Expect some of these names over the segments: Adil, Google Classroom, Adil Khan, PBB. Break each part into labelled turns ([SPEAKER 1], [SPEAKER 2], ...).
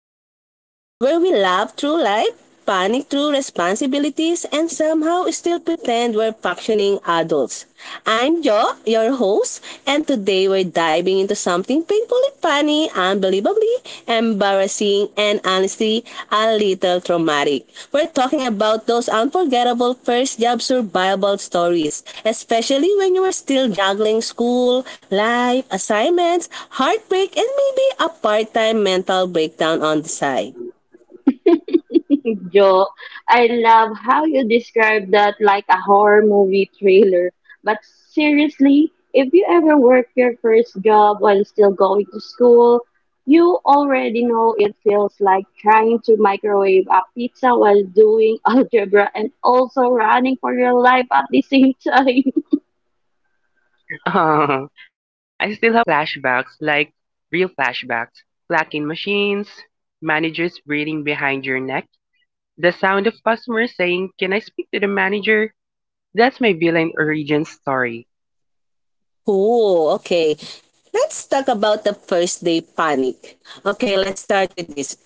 [SPEAKER 1] chaos, where we laugh through life, panic through responsibilities, and somehow still pretend we're functioning adults. I'm Jo, your host, and today we're diving into something painfully funny, unbelievably embarrassing, and honestly, a little traumatic. We're talking about those unforgettable first job survival stories, especially when you were still juggling school, life, assignments, heartbreak, and maybe a part time mental breakdown on the side.
[SPEAKER 2] Joe, I love how you describe that like a horror movie trailer. But seriously, if you ever work your first job while still going to school, you already know it feels like trying to microwave a pizza while doing algebra and also running for your life at the same time.
[SPEAKER 3] I still have flashbacks, like real flashbacks. Clacking machines, managers breathing behind your neck, the sound of customers saying, "Can I speak to the manager?" That's my villain origin story.
[SPEAKER 1] Oh, okay. Let's talk about the first day panic. Okay, let's start with this.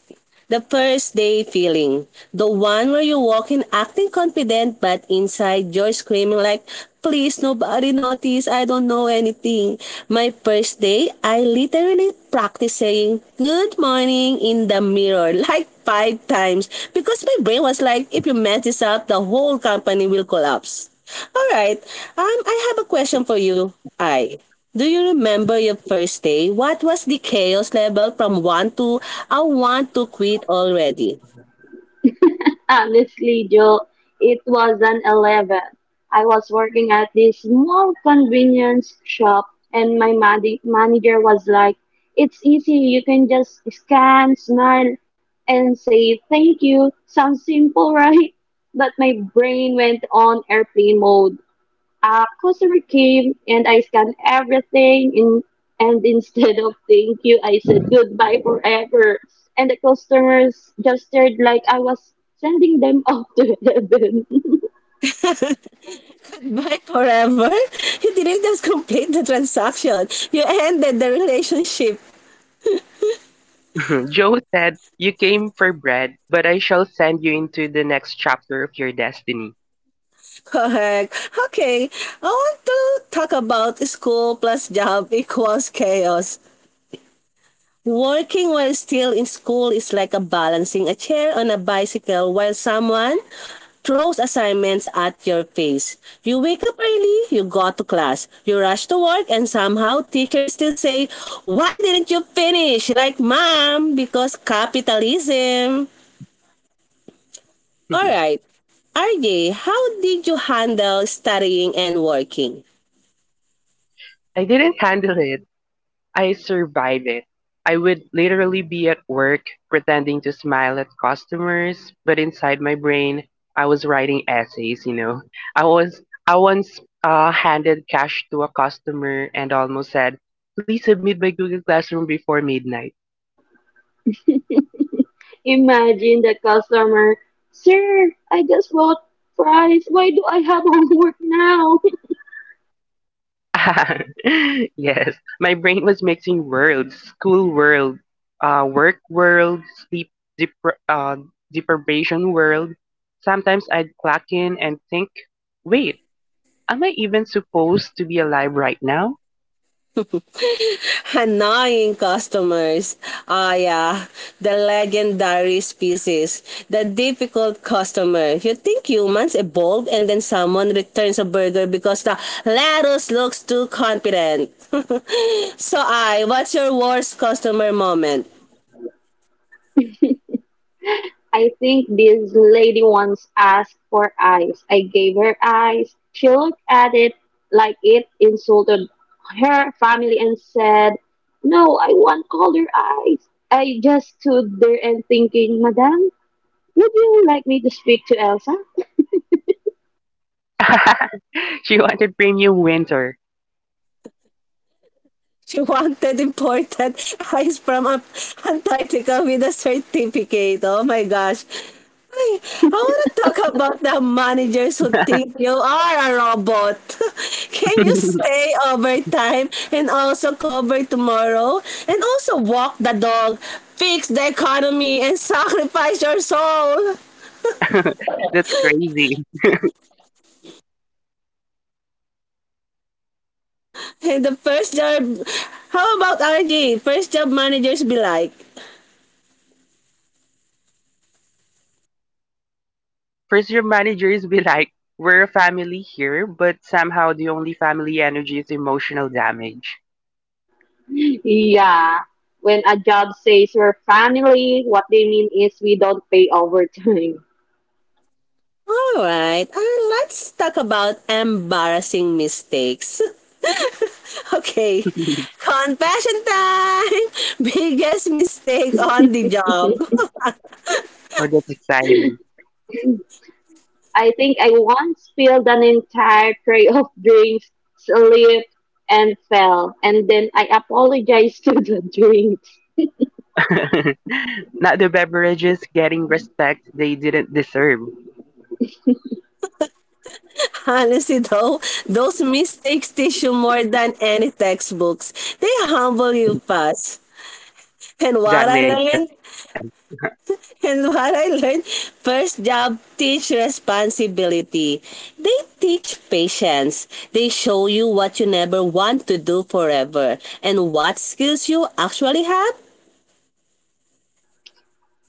[SPEAKER 1] The first day feeling. The one where you walk in acting confident but inside you're screaming like, please nobody notice, I don't know anything. My first day, I literally practiced saying good morning in the mirror like five times because my brain was like, if you mess this up, the whole company will collapse. All right, I have a question for you, I. Do you remember your first day? What was the chaos level from 1 to I want to quit already?
[SPEAKER 2] Honestly, Joe, it was an 11. I was working at this small convenience shop, and my manager was like, "It's easy, you can just scan, smile, and say thank you." Sounds simple, right? But my brain went on airplane mode. A customer came and I scanned everything in, and instead of thank you, I said goodbye forever. And the customers just stared like I was sending them off to heaven.
[SPEAKER 1] Goodbye forever? You didn't just complete the transaction. You ended the relationship.
[SPEAKER 3] Joe said, "You came for bread, but I shall send you into the next chapter of your destiny."
[SPEAKER 1] Correct. Okay. I want to talk about school plus job equals chaos. Working while still in school is like a balancing a chair on a bicycle while someone throws assignments at your face. You wake up early, you go to class, you rush to work, and somehow teachers still say, why didn't you finish? Like, mom, because capitalism.
[SPEAKER 3] I
[SPEAKER 1] Alright, RJ, how did you handle studying and working?
[SPEAKER 3] didn't handle it. I survived it. I would literally be at work pretending to smile at customers, but inside my brain, I was writing essays. I was I once handed cash to a customer and almost said, "Please submit by Google Classroom before midnight."
[SPEAKER 2] Imagine the customer, "Sir, I just bought fries. Why do I have homework now?"
[SPEAKER 3] Yes, my brain was mixing worlds: school world, work world, sleep depra- uh, deprivation world. Sometimes I'd clock in and think, "Wait, am I even supposed to be alive right now?"
[SPEAKER 1] Annoying customers. Ah, yeah, the legendary species, the difficult customer. You think humans evolved and then someone returns a burger because the lettuce looks too confident. So, what's your worst customer moment?
[SPEAKER 2] I think this lady once asked for eyes. I gave her eyes. She looked at it like it insulted her family and said, "No, I want color eyes." I just stood there and thinking, "Madam, would you like me to speak to Elsa?"
[SPEAKER 3] She wanted premium winter.
[SPEAKER 1] She wanted imported ice from Ap- Antarctica with a certificate. Oh my gosh. I I want to talk about the managers who think you are a robot. Can you stay overtime and also cover tomorrow? And also walk the dog, fix the economy, and sacrifice your soul.
[SPEAKER 3] That's crazy.
[SPEAKER 1] And the first job, how about RJ? First job managers be like,
[SPEAKER 3] First year managers be like, we're a family here, but somehow the only family energy is emotional damage.
[SPEAKER 2] Yeah. When a job says we're family, what they mean is we don't pay overtime.
[SPEAKER 1] all right, let's talk about embarrassing mistakes. Okay,
[SPEAKER 3] Oh,
[SPEAKER 1] confession time! Biggest mistake on the job.
[SPEAKER 3] that's exciting.
[SPEAKER 2] I think I once spilled an entire tray of drinks, slipped, and fell. And then I apologized to the drinks.
[SPEAKER 3] Not the beverages getting respect they didn't deserve.
[SPEAKER 1] Honestly, though, those mistakes teach you more than any textbooks. They humble you fast. And
[SPEAKER 3] That
[SPEAKER 1] what I
[SPEAKER 3] makes
[SPEAKER 1] learned? And what I learned, first job, teach responsibility. They teach patience. They show you what you never want to do forever and what skills you actually have.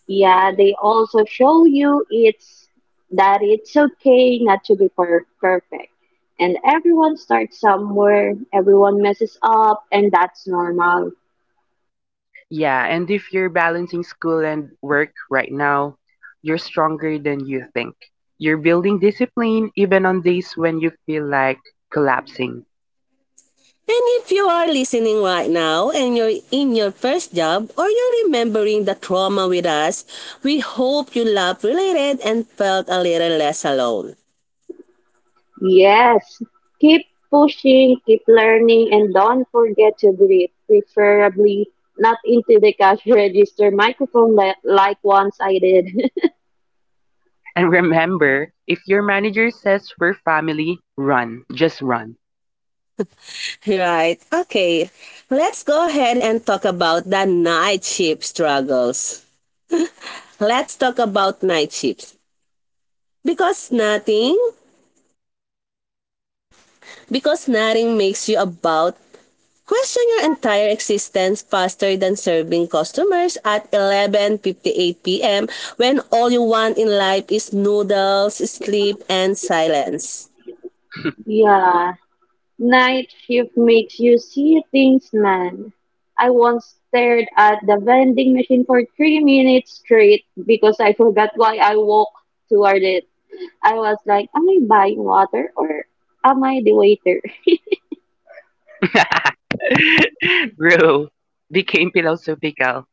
[SPEAKER 2] Yeah, they also show you it's that it's okay not to be perfect. And everyone starts somewhere, everyone messes up, and that's normal.
[SPEAKER 3] yeah, and if you're balancing school and work right now, you're stronger than you think. You're building discipline even on days when you feel like collapsing.
[SPEAKER 1] And if you are listening right now and you're in your first job or you're remembering the trauma with us, we hope you laugh related and felt a little less alone.
[SPEAKER 2] Yes, keep pushing, keep learning, and don't forget to greet, preferably not into the cash register microphone like once I did.
[SPEAKER 3] And remember, if your manager says we're family, run. Just run.
[SPEAKER 1] Right, okay. Let's go ahead and talk about the night shift struggles. Let's talk about night shifts. Because nothing, because nothing makes you about question your entire existence faster than serving customers at 11:58 p.m. when all you want in life is noodles, sleep, and silence.
[SPEAKER 2] Yeah, night shift makes you see things, man. I once stared at the vending machine for 3 minutes straight because I forgot why I walked toward it. I was like, am I buying water or am I the waiter?
[SPEAKER 3] Bro, became philosophical.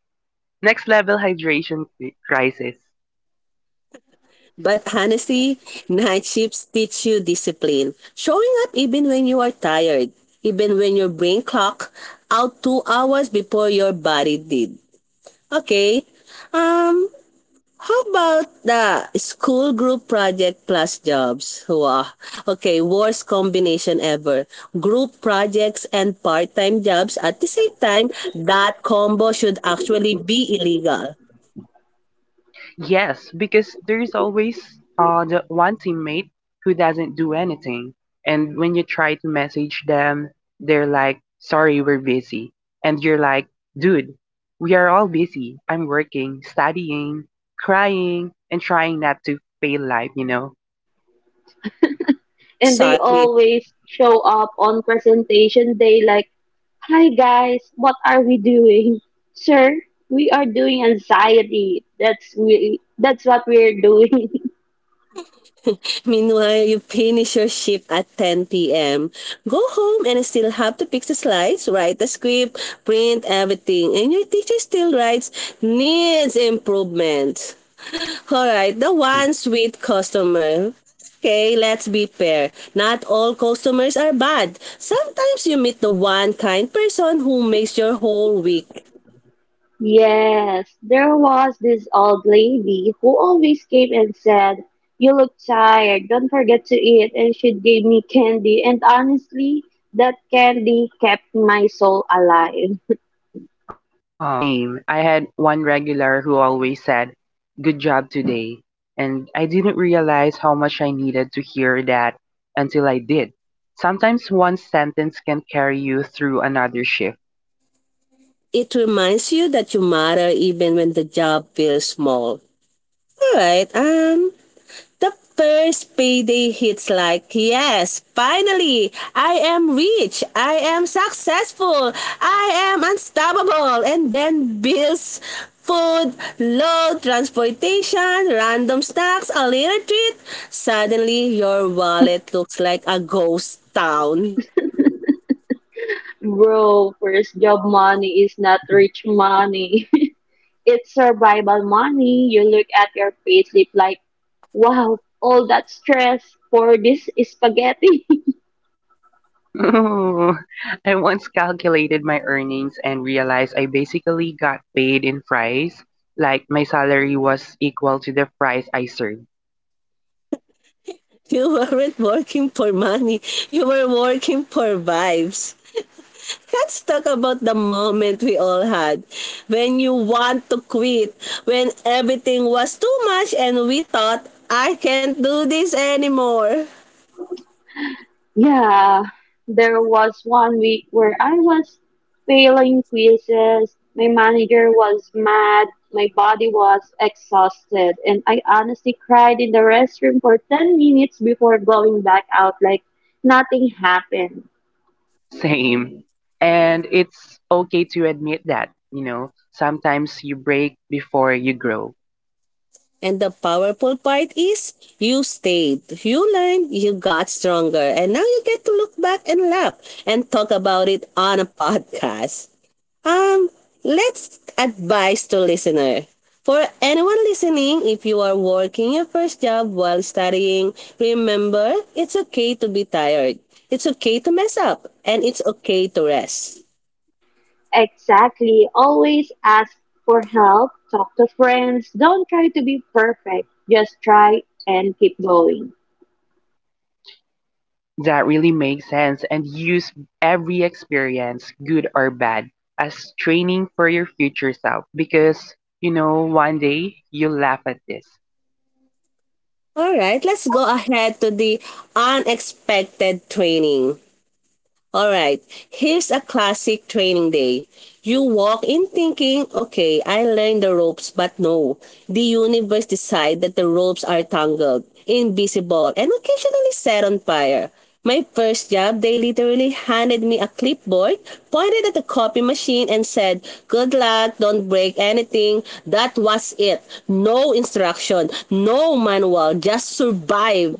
[SPEAKER 3] Next level hydration crisis.
[SPEAKER 1] But honestly, night shifts teach you discipline. Showing up even when you are tired, even when your brain clock out 2 hours before your body did. Okay? Um, How about the school group project plus jobs? Wow. Okay, worst combination ever. Group projects and part-time jobs at the same time, that combo should actually be illegal.
[SPEAKER 3] Yes, because there's always the one teammate who doesn't do anything. And when you try to message them, they're like, "Sorry, we're busy." And you're like, dude, we are all busy. I'm working, studying, crying, and trying not to fail life, you know?
[SPEAKER 2] And they
[SPEAKER 1] Exactly.
[SPEAKER 2] always show up on presentation day like, "Hi guys, what are we doing?" Sir, we are doing anxiety. That's what we're doing.
[SPEAKER 1] Meanwhile, you finish your shift at 10 p.m. Go home and still have to fix the slides, write the script, print everything, and your teacher still writes needs improvement. Alright, the ones with customer. Okay, let's be fair. Not all customers are bad. Sometimes you meet the one kind person who makes your whole week.
[SPEAKER 2] Yes, there was this old lady who always came and said, "You look tired, don't forget to eat," and she gave me candy, and honestly that candy kept my soul alive.
[SPEAKER 3] Oh, same. I had one regular who always said, "Good job today." And I didn't realize how much I needed to hear that until I did. Sometimes one sentence can carry you through another shift.
[SPEAKER 1] It reminds you that you matter even when the job feels small. Alright, the first payday hits like, yes, finally, I am rich, I am successful, I am unstoppable. And then bills, food, load, transportation, random snacks, a little treat. Suddenly, your wallet looks like a ghost town.
[SPEAKER 2] Bro, first job money is not rich money. It's survival money. You look at your payslip like, wow, all that stress for this spaghetti.
[SPEAKER 3] I once calculated my earnings and realized I basically got paid in fries, like my salary was equal to the fries I served.
[SPEAKER 1] You weren't working for money, you were working for vibes. Let's talk about the moment we all had when you want to quit, when everything was too much and we thought, I can't do this anymore.
[SPEAKER 2] Yeah, there was one week where I was failing quizzes. My manager was mad. My body was exhausted. And I honestly cried in the restroom for 10 minutes before going back out like nothing happened.
[SPEAKER 3] Same. And it's okay to admit that, you know, sometimes you break before you grow.
[SPEAKER 1] And the powerful part is you stayed, you learned, you got stronger, and now you get to look back and laugh and talk about it on a podcast. Um, let's advise to listener. For anyone listening, if you are working your first job while studying, remember it's okay to be tired. It's okay to mess up and it's okay to rest.
[SPEAKER 2] Exactly. Always ask for help, talk to friends. Don't try to be perfect. Just try and keep going.
[SPEAKER 3] That really makes sense, and use every experience, good or bad, as training for your future self because, you know, one day you'll laugh at this.
[SPEAKER 1] All right, let's go ahead to the unexpected training. All right, here's a classic training day. You walk in thinking, okay, I learned the ropes, but no. The universe decide that the ropes are tangled, invisible, and occasionally set on fire. My first job, they literally handed me a clipboard, pointed at the copy machine, and said, good luck, don't break anything. That was it. No instruction, no manual, just survive.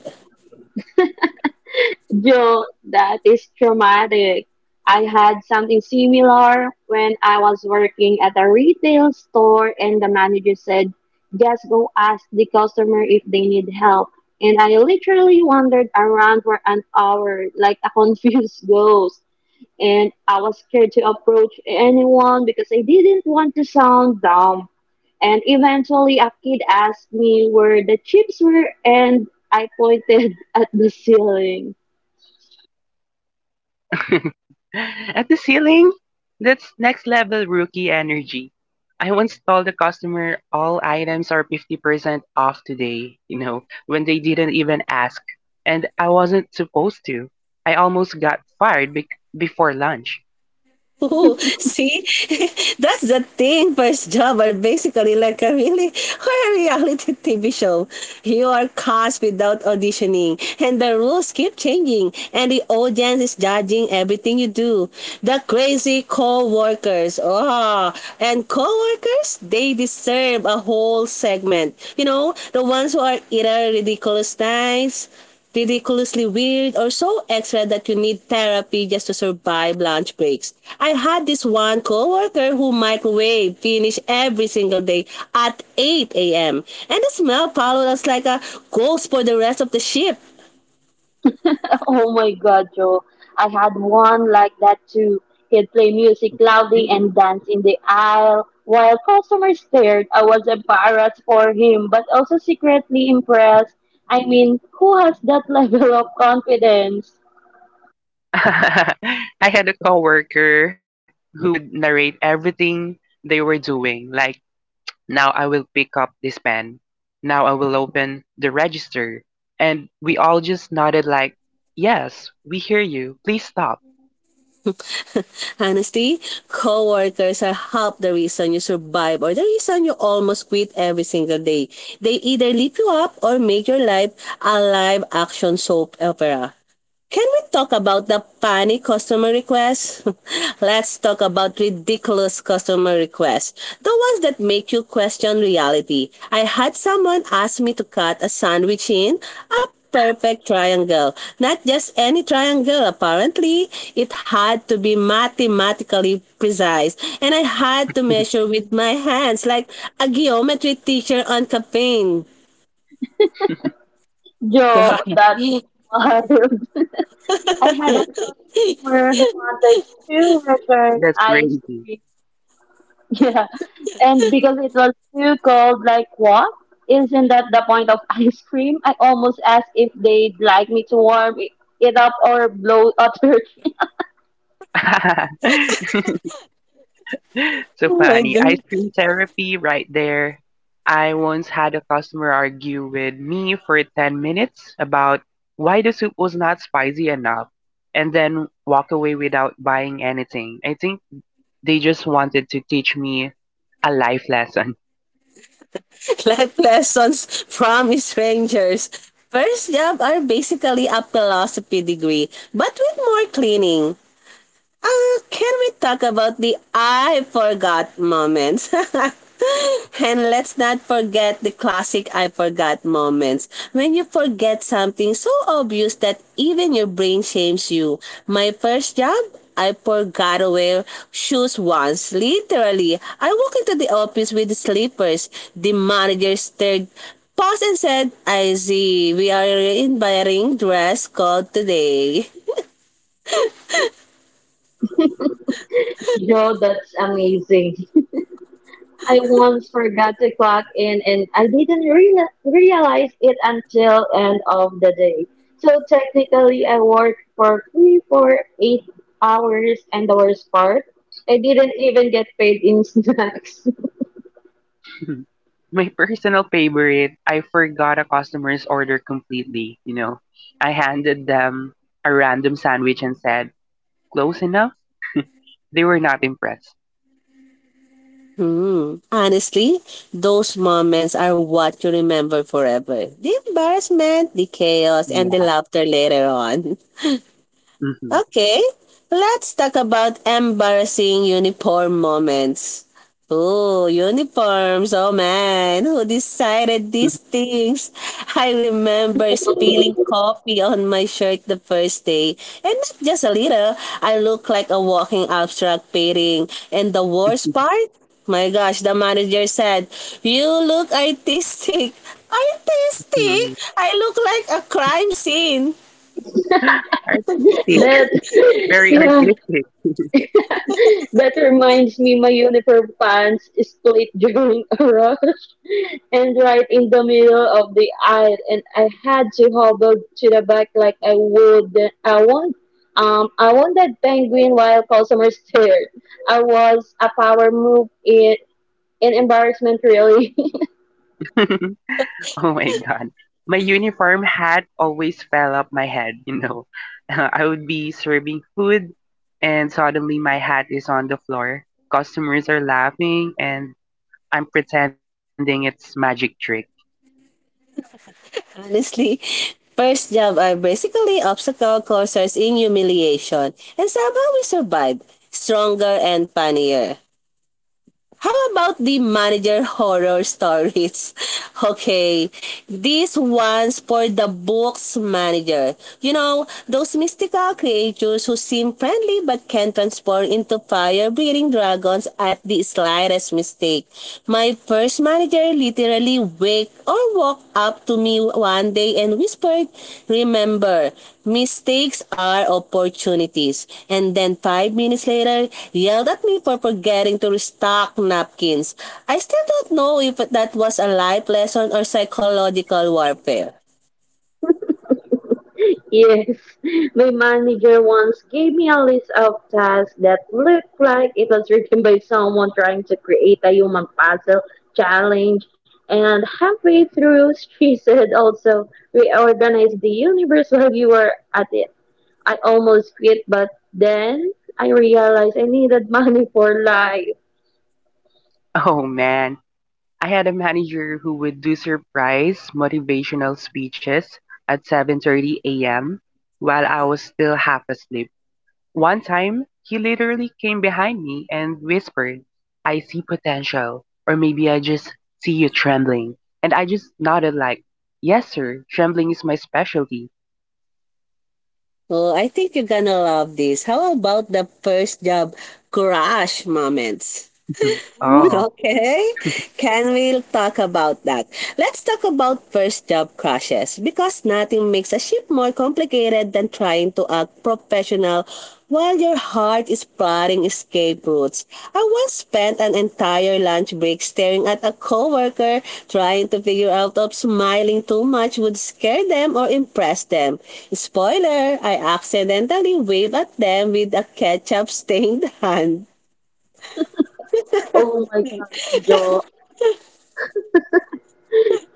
[SPEAKER 2] Joe, that is traumatic. I had something similar when I was working at a retail store, and the manager said, "Just go ask the customer if they need help." And I literally wandered around for an hour like a confused ghost. And I was scared to approach anyone because I didn't want to sound dumb. And eventually, a kid asked me where the chips were, and I pointed at the ceiling.
[SPEAKER 3] At the ceiling? That's next level rookie energy. I once told the customer all items are 50% off today, you know, when they didn't even ask. And I wasn't supposed to. I almost got fired bec before lunch.
[SPEAKER 1] Oh, see, that's the thing. First job are basically like a really or a reality TV show. You are cast without auditioning, and the rules keep changing, and the audience is judging everything you do. The crazy co-workers, oh, and co-workers, they deserve a whole segment. You know, the ones who are either ridiculous nice, ridiculously weird or so extra that you need therapy just to survive lunch breaks. I had this one coworker who microwave finished every single day at 8 a.m. and the smell followed us like a ghost for the rest of the shift.
[SPEAKER 2] Oh my god, Joe. I had one like that too. He'd play music loudly and dance in the aisle. While customers stared, I was embarrassed for him, but also secretly impressed. I mean, who has that level of confidence?
[SPEAKER 3] I had a coworker who would narrate everything they were doing, like, "Now I will pick up this pen. Now I will open the register." And we all just nodded like, yes, we hear you. Please stop.
[SPEAKER 1] Honestly, coworkers are half the reason you survive or the reason you almost quit every single day. They either lift you up or make your life a live action soap opera. Can we talk about the funny customer requests? Let's talk about ridiculous customer requests. The ones that make you question reality. I had someone ask me to cut a sandwich in a perfect triangle. Not just any triangle, apparently. It had to be mathematically precise. And I had to measure with my hands like a geometry teacher on caffeine.
[SPEAKER 2] Yo,
[SPEAKER 1] Oh
[SPEAKER 2] that is wild. I had a customer who wanted to return
[SPEAKER 3] That's
[SPEAKER 2] ice
[SPEAKER 3] crazy.
[SPEAKER 2] cream. Yeah. And because it was too cold, like what? Isn't that the point of ice cream? I almost asked if they'd like me to warm it it up or blow a turkey.
[SPEAKER 3] So
[SPEAKER 1] my
[SPEAKER 3] funny.
[SPEAKER 1] god.
[SPEAKER 3] Ice cream therapy right there. I once had a customer argue with me for 10 minutes about why the soup was not spicy enough and then walk away without buying anything. I think they just wanted to teach me a life lesson.
[SPEAKER 1] Life lessons from strangers. First job are basically a philosophy degree, but with more cleaning. Can we talk about the I forgot moments? And let's not forget the classic I forgot moments. When you forget something so obvious that even your brain shames you. My first job, I forgot to wear shoes once. Literally, I walked into the office with slippers. The manager stared paused and said, I see, we are in wearing dress code today.
[SPEAKER 2] Yo, that's amazing. I once forgot to clock in and I didn't reala realize it until end of the day. So technically I worked for three, four, 8 hours, and the worst part, I didn't even get paid in snacks.
[SPEAKER 3] My personal favorite, I forgot a customer's order completely. You know, I handed them a random sandwich and said, "Close enough?" They were not impressed.
[SPEAKER 1] Hmm. Honestly, those moments are what you remember forever. The embarrassment, the chaos, and the
[SPEAKER 3] Yeah.
[SPEAKER 1] laughter later on.
[SPEAKER 3] hmm
[SPEAKER 1] Okay, let's talk about embarrassing uniform moments. Oh, uniforms. Oh man, who decided these things? I remember spilling coffee on my shirt the first day. And not just a little, I look like a walking abstract painting. And the worst part? My gosh, the manager said, you look artistic. Artistic? I look like a crime scene.
[SPEAKER 3] Artistic.
[SPEAKER 2] That
[SPEAKER 3] Very
[SPEAKER 2] yeah.
[SPEAKER 3] artistic.
[SPEAKER 2] That reminds me, my uniform pants split during a rush and right in the middle of the aisle, and I had to hobble to the back like I would. I want, I wanted penguin while customers stared. I was a power move in embarrassment, really.
[SPEAKER 3] Oh my god. My uniform hat always fell off my head, you know. I would be serving food and suddenly my hat is on the floor. Customers are laughing and I'm pretending it's magic trick.
[SPEAKER 1] Honestly, first job are basically obstacle courses in humiliation. And somehow we survived, stronger and funnier. How about the manager horror stories? Okay, this one's for the book's manager. You know, those mystical creatures who seem friendly but can transform into fire-breathing dragons at the slightest mistake. My first manager literally waked or walked up to me one day and whispered, remember, mistakes are opportunities. And then 5 minutes later, yelled at me for forgetting to restock napkins. I still don't know if that was a life lesson or psychological warfare.
[SPEAKER 2] Yes, my manager once gave me a list of tasks that looked like it was written by someone trying to create a human puzzle challenge. And halfway through, she said, "Also, reorganize the universe while you are at it." I almost quit, but then I realized I needed money for life.
[SPEAKER 3] Oh man, I had a manager who would do surprise motivational speeches at 7:30 a.m. while I was still half asleep. One time, he literally came behind me and whispered, "I see potential, or maybe I just see you trembling." And I just nodded like, "Yes, sir. Trembling is my specialty."
[SPEAKER 1] Oh, I think you're gonna love this. How about the first job crush moments?
[SPEAKER 2] Ooh.
[SPEAKER 3] Oh.
[SPEAKER 1] Okay, can we talk about that? Let's talk about first job crushes because nothing makes a ship more complicated than trying to act professional while your heart is plotting escape routes. I once spent an entire lunch break staring at a coworker trying to figure out if smiling too much would scare them or impress them. Spoiler, I accidentally waved at them with a ketchup stained hand.
[SPEAKER 2] Oh my gosh, Joe.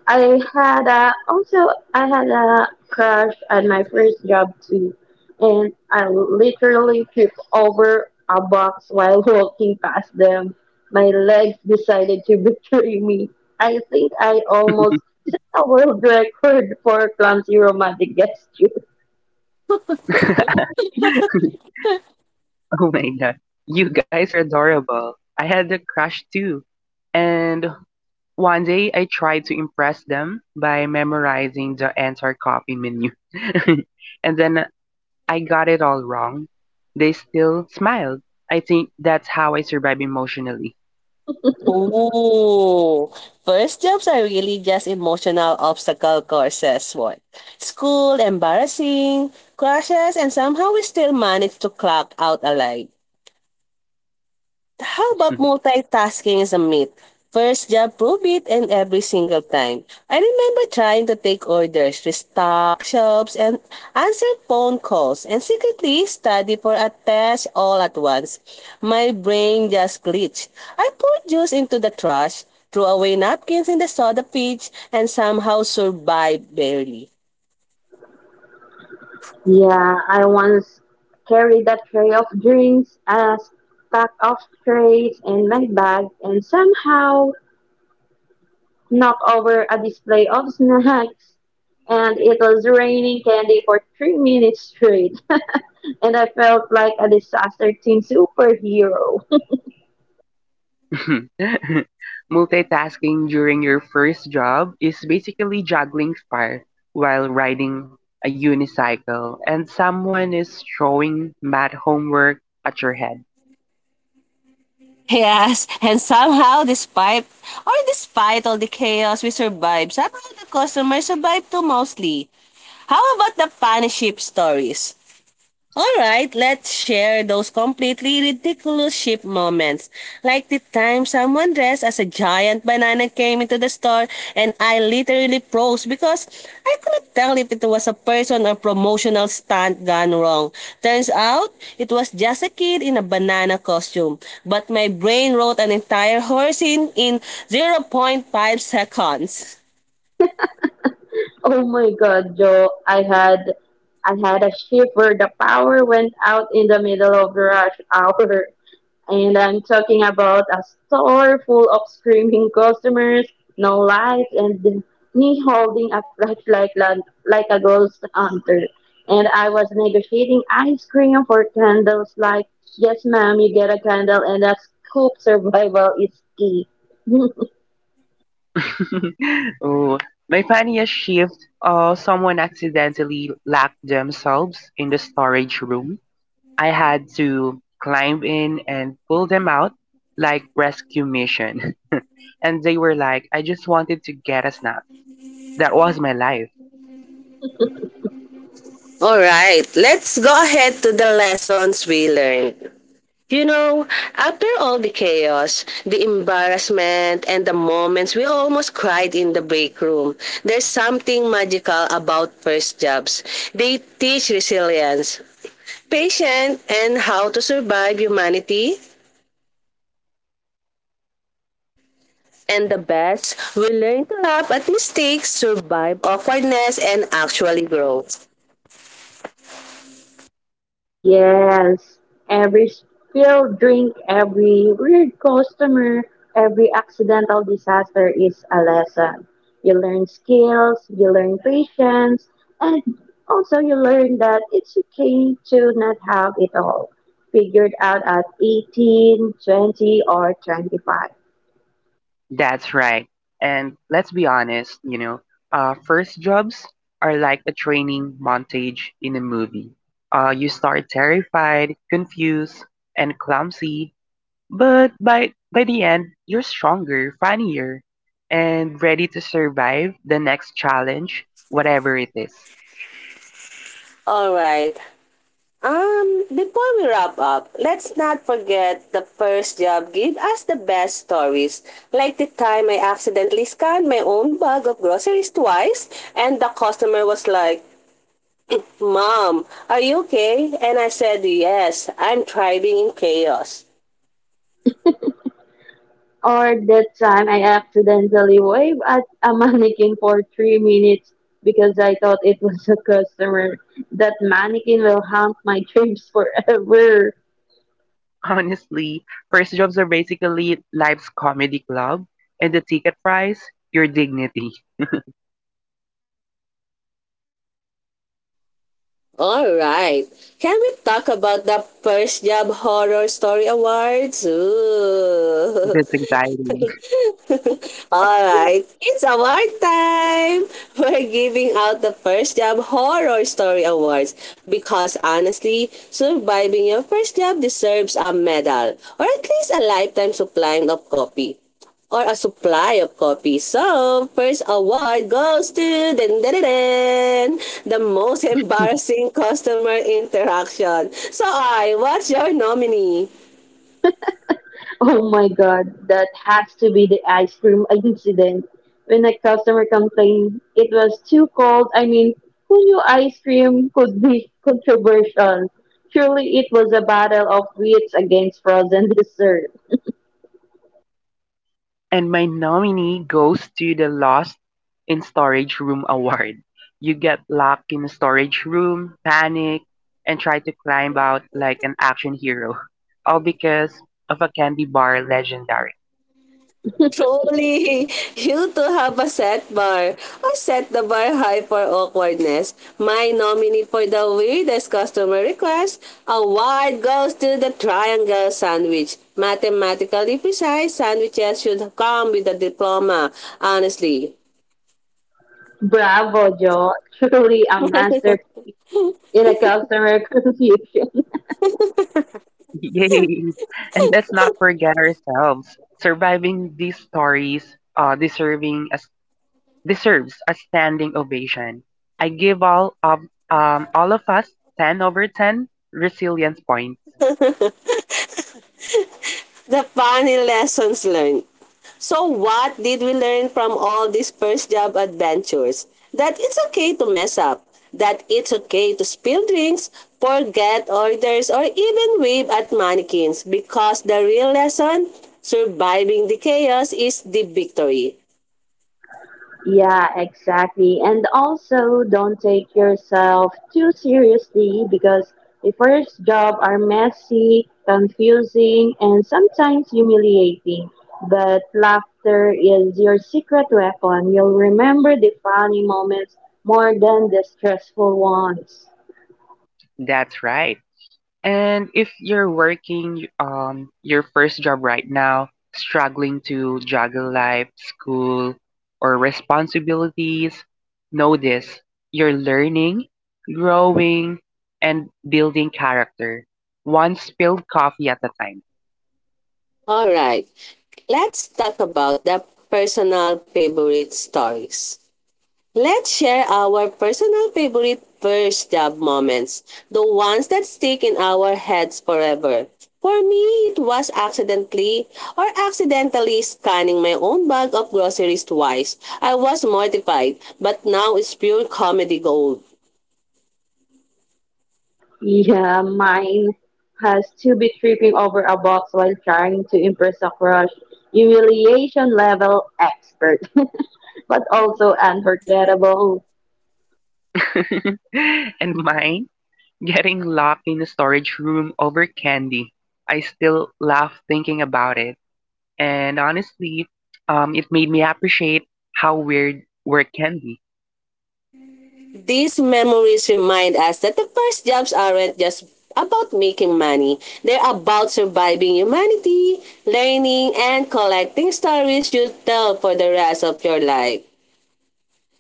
[SPEAKER 2] I I had a crush at my first job too, and I literally tripped over a box while walking past them. My legs decided to betray me. I think I almost set a world record for clumsy romantic gesture.
[SPEAKER 3] Oh my god. You guys are adorable. I had a crush too. And one day I tried to impress them by memorizing the entire coffee menu. And then I got it all wrong. They still smiled. I think that's how I survive emotionally.
[SPEAKER 1] Oh, first jobs are really just emotional obstacle courses. What? School, embarrassing, crashes, and somehow we still manage to clock out alive. How about multitasking as a myth? First job, prove it, and every single time. I remember trying to take orders, restock shops, and answer phone calls, and secretly study for a test all at once. My brain just glitched. I poured juice into the trash, threw away napkins in the soda pitch, and somehow survived barely.
[SPEAKER 2] Yeah, I once carried a tray of drinks, a stack of trays, and my bag, and somehow knocked over a display of snacks, and it was raining candy for 3 minutes straight. And I felt like a disaster team superhero.
[SPEAKER 3] Multitasking during your first job is basically juggling fire while riding a unicycle, and someone is throwing math homework at your head.
[SPEAKER 1] Yes, and somehow despite all the chaos we survived, somehow the customers survived too mostly. How about the funny ship stories? Alright, let's share those completely ridiculous ship moments. Like the time someone dressed as a giant banana came into the store and I literally froze because I couldn't tell if it was a person or promotional stunt gone wrong. Turns out, it was just a kid in a banana costume. But my brain wrote an entire horse in 0.5 seconds.
[SPEAKER 2] Oh my god, Joe, I had a shiver. The power went out in the middle of rush hour. And I'm talking about a store full of screaming customers, no lights, and me holding a flashlight like a ghost hunter. And I was negotiating ice cream for candles, like, "Yes, ma'am, you get a candle, and a scoop." Survival is key.
[SPEAKER 3] Oh, my funniest shift, someone accidentally locked themselves in the storage room. I had to climb in and pull them out like rescue mission. And they were like, "I just wanted to get a snack." That was my life.
[SPEAKER 1] Alright, let's go ahead to the lessons we learned. You know, after all the chaos, the embarrassment, and the moments we almost cried in the break room, there's something magical about first jobs. They teach resilience, patience, and how to survive humanity. And the best, we learn to laugh at mistakes, survive awkwardness, and actually grow.
[SPEAKER 2] Yes, every spilled drink, every weird customer, every accidental disaster is a lesson. You learn skills, you learn patience, and also you learn that it's okay to not have it all figured out at 18, 20, or 25.
[SPEAKER 3] That's right. And let's be honest, you know, first jobs are like a training montage in a movie. You start terrified, confused, and clumsy, but by the end, you're stronger, funnier, and ready to survive the next challenge, whatever it is.
[SPEAKER 1] All right. Before we wrap up, let's not forget the first job gave us the best stories, like the time I accidentally scanned my own bag of groceries twice, and the customer was like, "Mom, are you okay?" And I said, "Yes, I'm thriving in chaos."
[SPEAKER 2] Or that time I accidentally waved at a mannequin for 3 minutes because I thought it was a customer. That mannequin will haunt my dreams forever.
[SPEAKER 3] Honestly, first jobs are basically life's comedy club, and the ticket price, your dignity.
[SPEAKER 1] Alright, can we talk about the first job horror story awards? Ooh.
[SPEAKER 3] That's exciting.
[SPEAKER 1] All right, it's award time. We're giving out the First Job Horror Story Awards because honestly, surviving your first job deserves a medal, or at least a lifetime supply of coffee or a supply of coffee. So, first award goes to dun, dun, dun, dun, the most embarrassing customer interaction. So, I, what's your nominee?
[SPEAKER 2] Oh my god, that has to be the ice cream incident. When a customer complained it was too cold, I mean, who knew ice cream could be controversial? Surely it was a battle of wits against frozen dessert.
[SPEAKER 3] And my nominee goes to the Lost in Storage Room award. You get locked in a storage room, panic, and try to climb out like an action hero. All because of a candy bar legendary.
[SPEAKER 1] Truly, you to have a set bar. I set the bar high for awkwardness. My nominee for the weirdest customer request award goes to the triangle sandwich. Mathematically precise sandwiches should come with a diploma. Honestly,
[SPEAKER 2] Bravo, Joe. Truly a master in a customer confusion.
[SPEAKER 3] Yay! And let's not forget ourselves. Surviving these stories, deserving as deserves a standing ovation. I give all of us ten over ten resilience points.
[SPEAKER 1] the funny lessons learned. So what did we learn from all these first job adventures? That it's okay to mess up. That it's okay to spill drinks, forget orders, or even wave at mannequins because the real lesson, surviving the chaos, is the victory.
[SPEAKER 2] Yeah, exactly. And also, don't take yourself too seriously because the first job are messy, confusing, and sometimes humiliating. But laughter is your secret weapon. You'll remember the funny moments more than the stressful ones.
[SPEAKER 3] That's right. And if you're working your first job right now, struggling to juggle life, school, or responsibilities, know this. You're learning, growing, and building character. One spilled coffee at a time.
[SPEAKER 1] Alright, let's talk about the personal favorite stories. Let's share our personal favorite first job moments, the ones that stick in our heads forever. For me, it was accidentally or accidentally scanning my own bag of groceries twice. I was mortified, but now it's pure comedy gold.
[SPEAKER 2] Yeah, mine has to be tripping over a box while trying to impress a crush. Humiliation level expert, but also unforgettable.
[SPEAKER 3] And mine, getting locked in a storage room over candy. I still laugh thinking about it. And honestly, it made me appreciate how weird work can be.
[SPEAKER 1] These memories remind us that the first jobs aren't just about making money. They're about surviving humanity, learning, and collecting stories you tell for the rest of your life.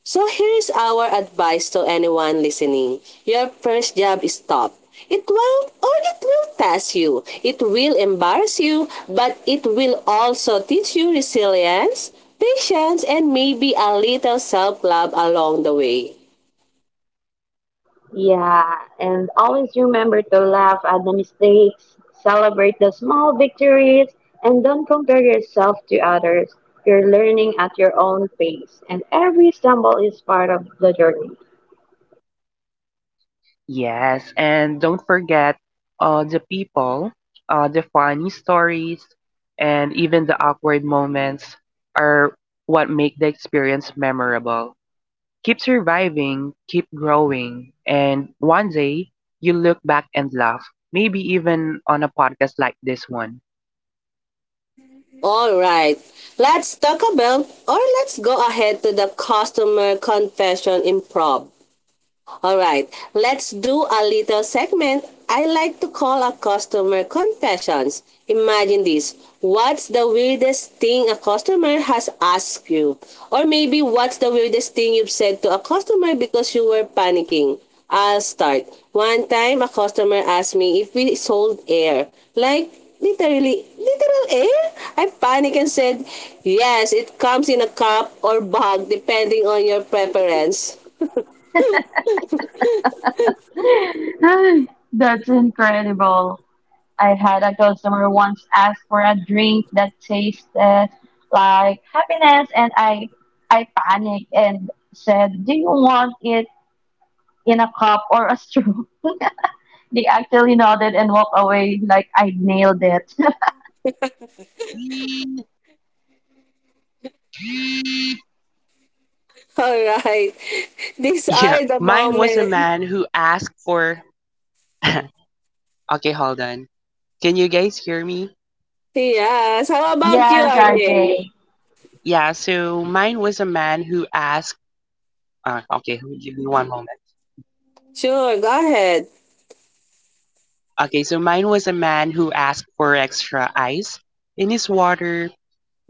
[SPEAKER 1] So here's our advice to anyone listening. Your first job is tough. It won't or it will test you. It will embarrass you, but it will also teach you resilience, patience, and maybe a little self-love along the way.
[SPEAKER 2] Yeah, and always remember to laugh at the mistakes, celebrate the small victories, and don't compare yourself to others. You're learning at your own pace, and every stumble is part of the journey.
[SPEAKER 3] Yes, and don't forget the people, the funny stories, and even the awkward moments are what make the experience memorable. Keep surviving, keep growing, and one day you look back and laugh, maybe even on a podcast like this one.
[SPEAKER 1] All right. Let's talk about or let's go ahead to the customer confession improv. All right, let's do a little segment I like to call a customer confessions. Imagine this. What's the weirdest thing a customer has asked you? Or maybe what's the weirdest thing you've said to a customer because you were panicking? I'll start. One time a customer asked me if we sold air. Like literally literal air? I panicked and said, "Yes, it comes in a cup or bag depending on your preference."
[SPEAKER 2] Ay, that's incredible. I had a customer once ask for a drink that tasted like happiness, and I panicked and said, "Do you want it in a cup or a straw?" They actually nodded and walked away like I nailed it.
[SPEAKER 1] All right. These
[SPEAKER 3] Yeah,
[SPEAKER 1] are the
[SPEAKER 3] mine was a
[SPEAKER 1] moments.
[SPEAKER 3] man who asked for. Okay, hold on. Can you guys hear me?
[SPEAKER 1] Yes. How about you,
[SPEAKER 2] Yes, are
[SPEAKER 1] RJ?
[SPEAKER 2] they?
[SPEAKER 3] Yeah, so mine was a man who asked, okay, give me one moment.
[SPEAKER 1] Sure, go ahead.
[SPEAKER 3] Okay, so mine was a man who asked for extra ice in his water,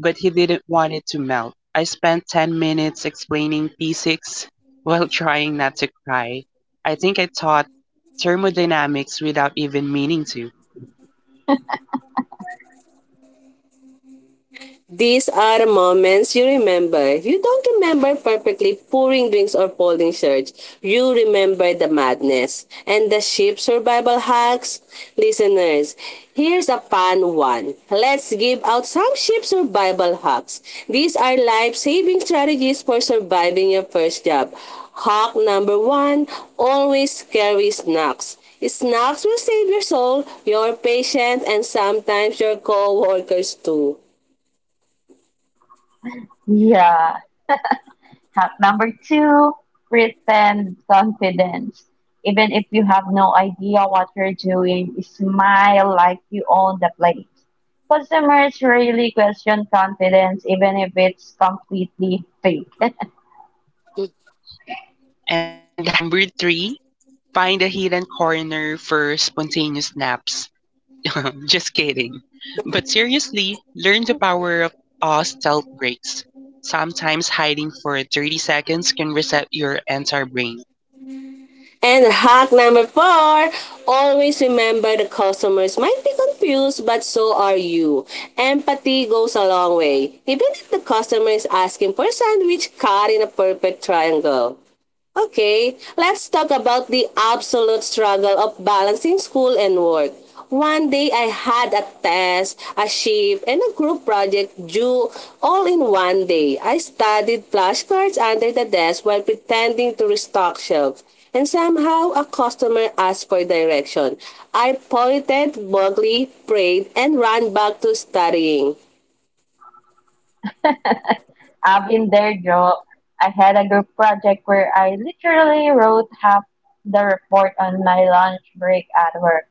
[SPEAKER 3] but he didn't want it to melt. I spent 10 minutes explaining P6 while trying not to cry. I think I taught thermodynamics without even meaning to.
[SPEAKER 1] These are moments you remember. You don't remember perfectly pouring drinks or folding shirts. You remember the madness and the ship survival hacks. Listeners, here's a fun one. Let's give out some ship survival hacks. These are life-saving strategies for surviving your first job. Hack number one, always carry snacks. Snacks will save your soul, your patience, and sometimes your co-workers too.
[SPEAKER 2] Yeah. Hack number two, pretend confidence. Even if you have no idea what you're doing, smile like you own the place. Customers really question confidence even if it's completely fake.
[SPEAKER 3] And hack number three, find a hidden corner for spontaneous naps. Just kidding. But seriously, learn the power of stealth breaks. Sometimes hiding for 30 seconds can reset your entire brain.
[SPEAKER 1] And hack number four, always remember the customers might be confused, but so are you. Empathy goes a long way, even if the customer is asking for a sandwich cut in a perfect triangle. Okay, let's talk about the absolute struggle of balancing school and work. One day I had a test, a shift, and a group project due all in one day. I studied flashcards under the desk while pretending to restock shelves. And somehow a customer asked for direction. I pointed, vaguely prayed, and ran back to studying.
[SPEAKER 2] I've been there, Joe. I had a group project where I literally wrote half the report on my lunch break at work.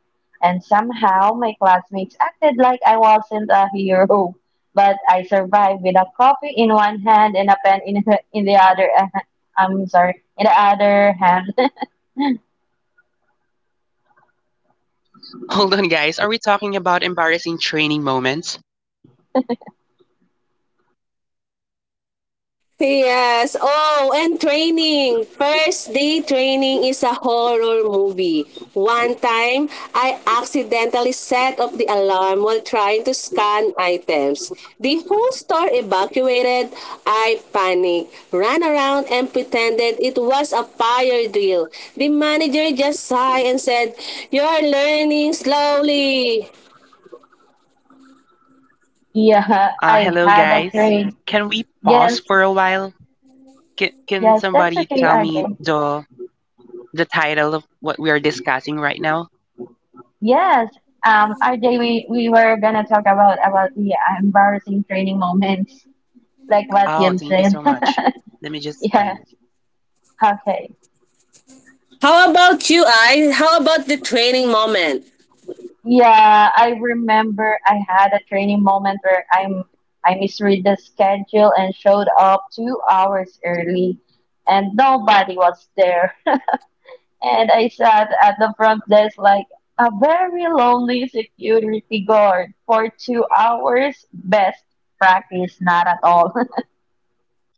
[SPEAKER 2] And somehow my classmates acted like I wasn't a hero. But I survived with a coffee in one hand and a pen in the other hand. I'm sorry, in the other hand.
[SPEAKER 3] Hold on, guys. Are we talking about embarrassing training moments?
[SPEAKER 1] Yes. Oh, and training. First day training is a horror movie. One time, I accidentally set off the alarm while trying to scan items. The whole store evacuated. I panicked, ran around, and pretended it was a fire drill. The manager just sighed and said, "You're learning slowly."
[SPEAKER 2] Yeah, I
[SPEAKER 3] Hello,
[SPEAKER 2] had a
[SPEAKER 3] guys.
[SPEAKER 2] train.
[SPEAKER 3] Can we pause
[SPEAKER 2] Yes,
[SPEAKER 3] for a while? Can
[SPEAKER 2] yes, that's
[SPEAKER 3] somebody
[SPEAKER 2] okay,
[SPEAKER 3] tell me
[SPEAKER 2] RJ.
[SPEAKER 3] the title of what we are discussing right now?
[SPEAKER 2] Yes, RJ, we were gonna talk about the embarrassing training moments, like what
[SPEAKER 3] Oh,
[SPEAKER 2] you've
[SPEAKER 3] thank you
[SPEAKER 2] said.
[SPEAKER 3] so much. Let me just find
[SPEAKER 2] Yes. Okay.
[SPEAKER 1] How about you, I? How about the training moment?
[SPEAKER 2] Yeah, I remember I had a training moment where I misread the schedule and showed up 2 hours early, and nobody was there. And I sat at the front desk like a very lonely security guard for 2 hours. Best practice, not at all.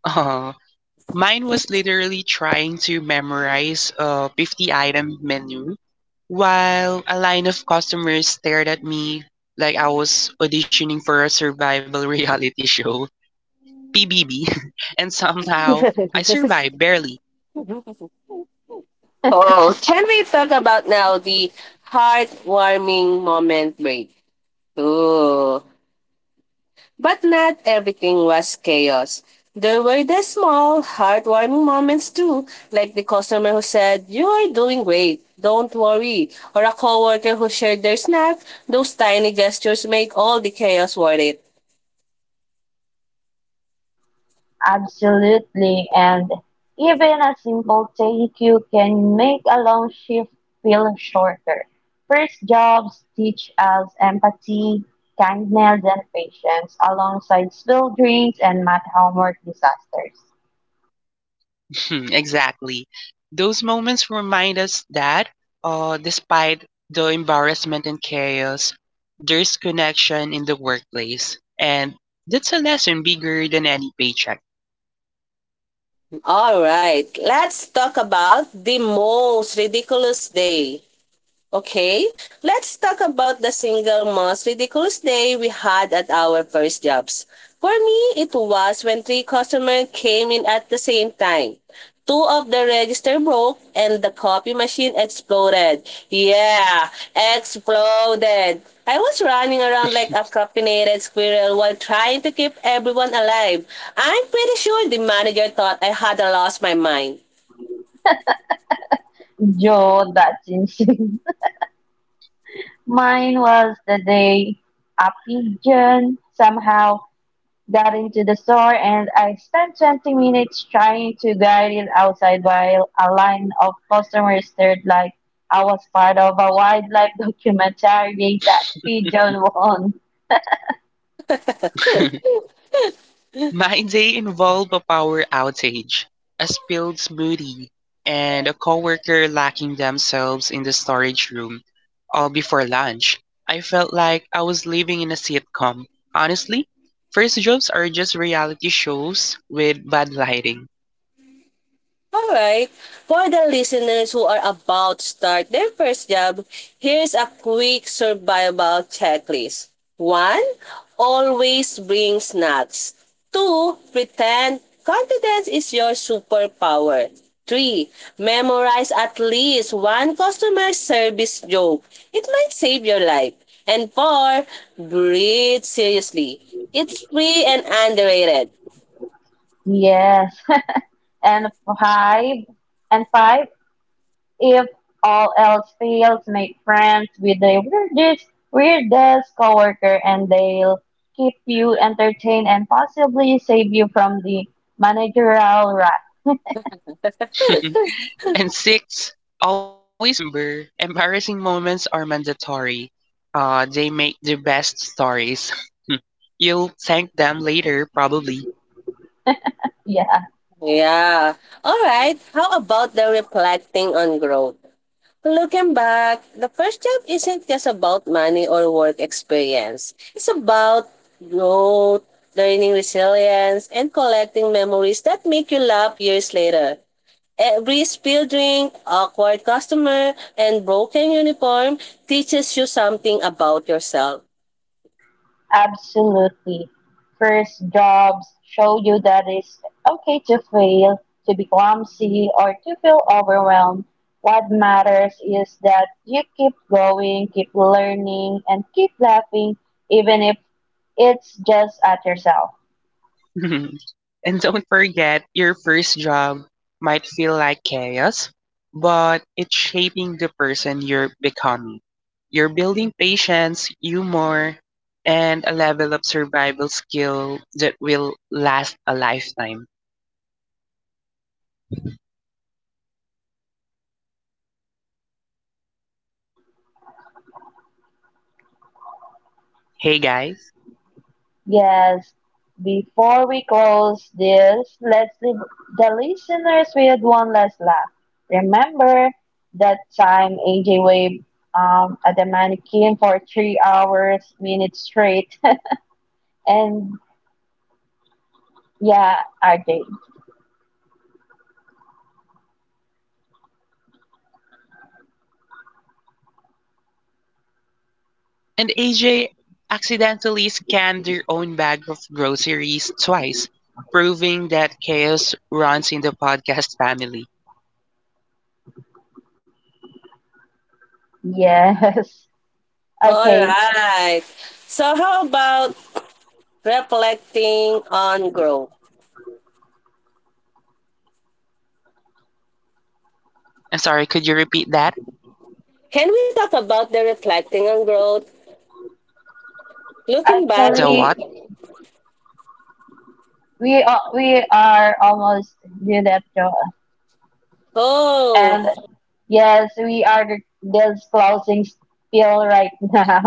[SPEAKER 3] it. Mine was literally trying to memorize a 50 item menu while a line of customers stared at me like I was auditioning for a survival reality show, PBB, and somehow I survived barely.
[SPEAKER 1] Oh, can we talk about now the heartwarming moment break? Ooh. But not everything was chaos. There were the small, heartwarming moments too, like the customer who said, "You are doing great, don't worry," or a coworker who shared their snack. Those tiny gestures make all the chaos worth it.
[SPEAKER 2] Absolutely, and even a simple thank you can make a long shift feel shorter. First jobs teach us empathy, kindness, and patience alongside spilled drinks and math homework disasters.
[SPEAKER 3] Exactly. Those moments remind us that, despite the embarrassment and chaos, there's connection in the workplace, and that's a lesson bigger than any paycheck.
[SPEAKER 1] All right, let's talk about the most ridiculous day. Okay, let's talk about the single most ridiculous day we had at our first jobs. For me, it was when three customers came in at the same time. Two of the register broke and the copy machine exploded. Yeah, exploded. I was running around like a caffeinated squirrel while trying to keep everyone alive. I'm pretty sure the manager thought I had lost my mind.
[SPEAKER 2] Joe, that's insane. Mine was the day a pigeon somehow got into the store and I spent 20 minutes trying to guide it outside while a line of customers stared like I was part of a wildlife documentary. That pigeon won.
[SPEAKER 3] My day involved a power outage, a spilled smoothie, and a coworker locking themselves in the storage room all before lunch. I felt like I was living in a sitcom. Honestly, first jobs are just reality shows with bad lighting.
[SPEAKER 1] Alright, for the listeners who are about to start their first job, here's a quick survival checklist. One, always bring snacks. Two, pretend confidence is your superpower. Three, memorize at least one customer service joke. It might save your life. And four, breathe seriously. It's free and underrated.
[SPEAKER 2] Yes. And five, and five, if all else fails, make friends with the weirdest coworker, and they'll keep you entertained and possibly save you from the managerial rat.
[SPEAKER 3] And six, always remember embarrassing moments are mandatory. They make the best stories. You'll thank them later, probably.
[SPEAKER 2] Yeah.
[SPEAKER 1] Yeah. All right. How about the reflecting on growth? Looking back, the first job isn't just about money or work experience. It's about growth, learning resilience, and collecting memories that make you laugh years later. Every spilled drink, awkward customer, and broken uniform teaches you something about yourself.
[SPEAKER 2] Absolutely. First jobs show you that it's okay to fail, to be clumsy, or to feel overwhelmed. What matters is that you keep going, keep learning, and keep laughing, even if it's just at yourself.
[SPEAKER 3] And don't forget, your first job might feel like chaos, but it's shaping the person you're becoming. You're building patience, humor, and a level of survival skill that will last a lifetime. Hey guys.
[SPEAKER 2] Yes, before we close this, let's leave the listeners with one last laugh. Remember that time AJ waved at the mannequin for minutes straight. And yeah, RJ.
[SPEAKER 3] And AJ accidentally scanned their own bag of groceries twice, proving that chaos runs in the podcast family.
[SPEAKER 2] Yes.
[SPEAKER 1] All
[SPEAKER 2] Okay.
[SPEAKER 1] right. So, how about reflecting on growth?
[SPEAKER 3] I'm sorry, could you repeat that?
[SPEAKER 1] Can we talk about the reflecting on growth? Looking back,
[SPEAKER 3] The
[SPEAKER 2] Actually,
[SPEAKER 3] what?
[SPEAKER 2] we are almost due that show.
[SPEAKER 1] oh,
[SPEAKER 2] And yes, we are just closing spiel right now.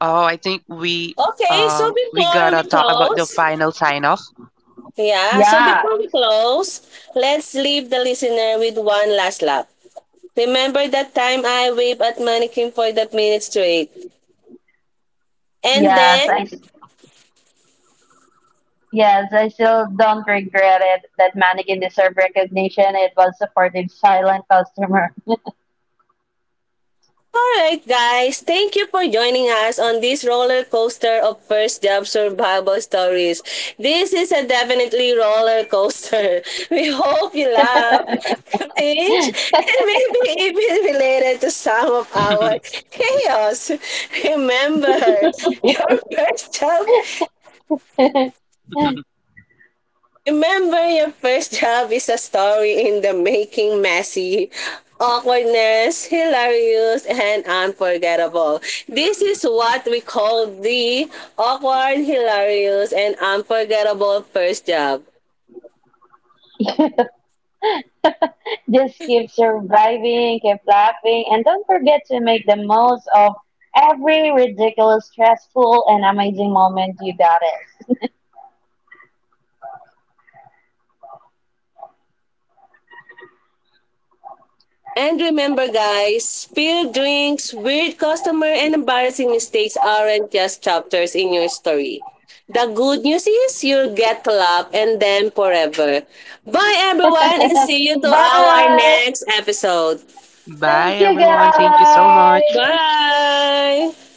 [SPEAKER 3] Oh, I think we
[SPEAKER 1] okay. So before
[SPEAKER 3] gotta
[SPEAKER 1] we
[SPEAKER 3] talk about the
[SPEAKER 1] close,
[SPEAKER 3] final sign off.
[SPEAKER 1] yeah, so
[SPEAKER 2] Yeah.
[SPEAKER 1] before we close, let's leave the listener with one last laugh. Remember that time I waved at mannequin for that minute straight. And
[SPEAKER 2] Yes,
[SPEAKER 1] then
[SPEAKER 2] I yes, I still don't regret it. That mannequin deserved recognition. It was supportive, silent customer.
[SPEAKER 1] alright, guys, thank you for joining us on this roller coaster of first job survival stories. This is a definitely roller coaster. We hope you laugh, cringe, and maybe even related to some of our chaos. Remember, your first job, remember your first job is a story in the making messy. Awkwardness, hilarious, and unforgettable. This is what we call the awkward, hilarious, and unforgettable first job.
[SPEAKER 2] Just keep surviving, keep laughing, and don't forget to make the most of every ridiculous, stressful, and amazing moment you got
[SPEAKER 1] And remember, guys, spilled drinks, weird customer, and embarrassing mistakes aren't just chapters in your story. The good news is you'll get to laugh and them forever. Bye, everyone, and
[SPEAKER 2] it.
[SPEAKER 1] see you to our
[SPEAKER 2] Bye.
[SPEAKER 1] next episode.
[SPEAKER 2] Thank
[SPEAKER 3] Bye
[SPEAKER 2] you,
[SPEAKER 3] everyone. Thank you so much.
[SPEAKER 2] guys.
[SPEAKER 1] Bye!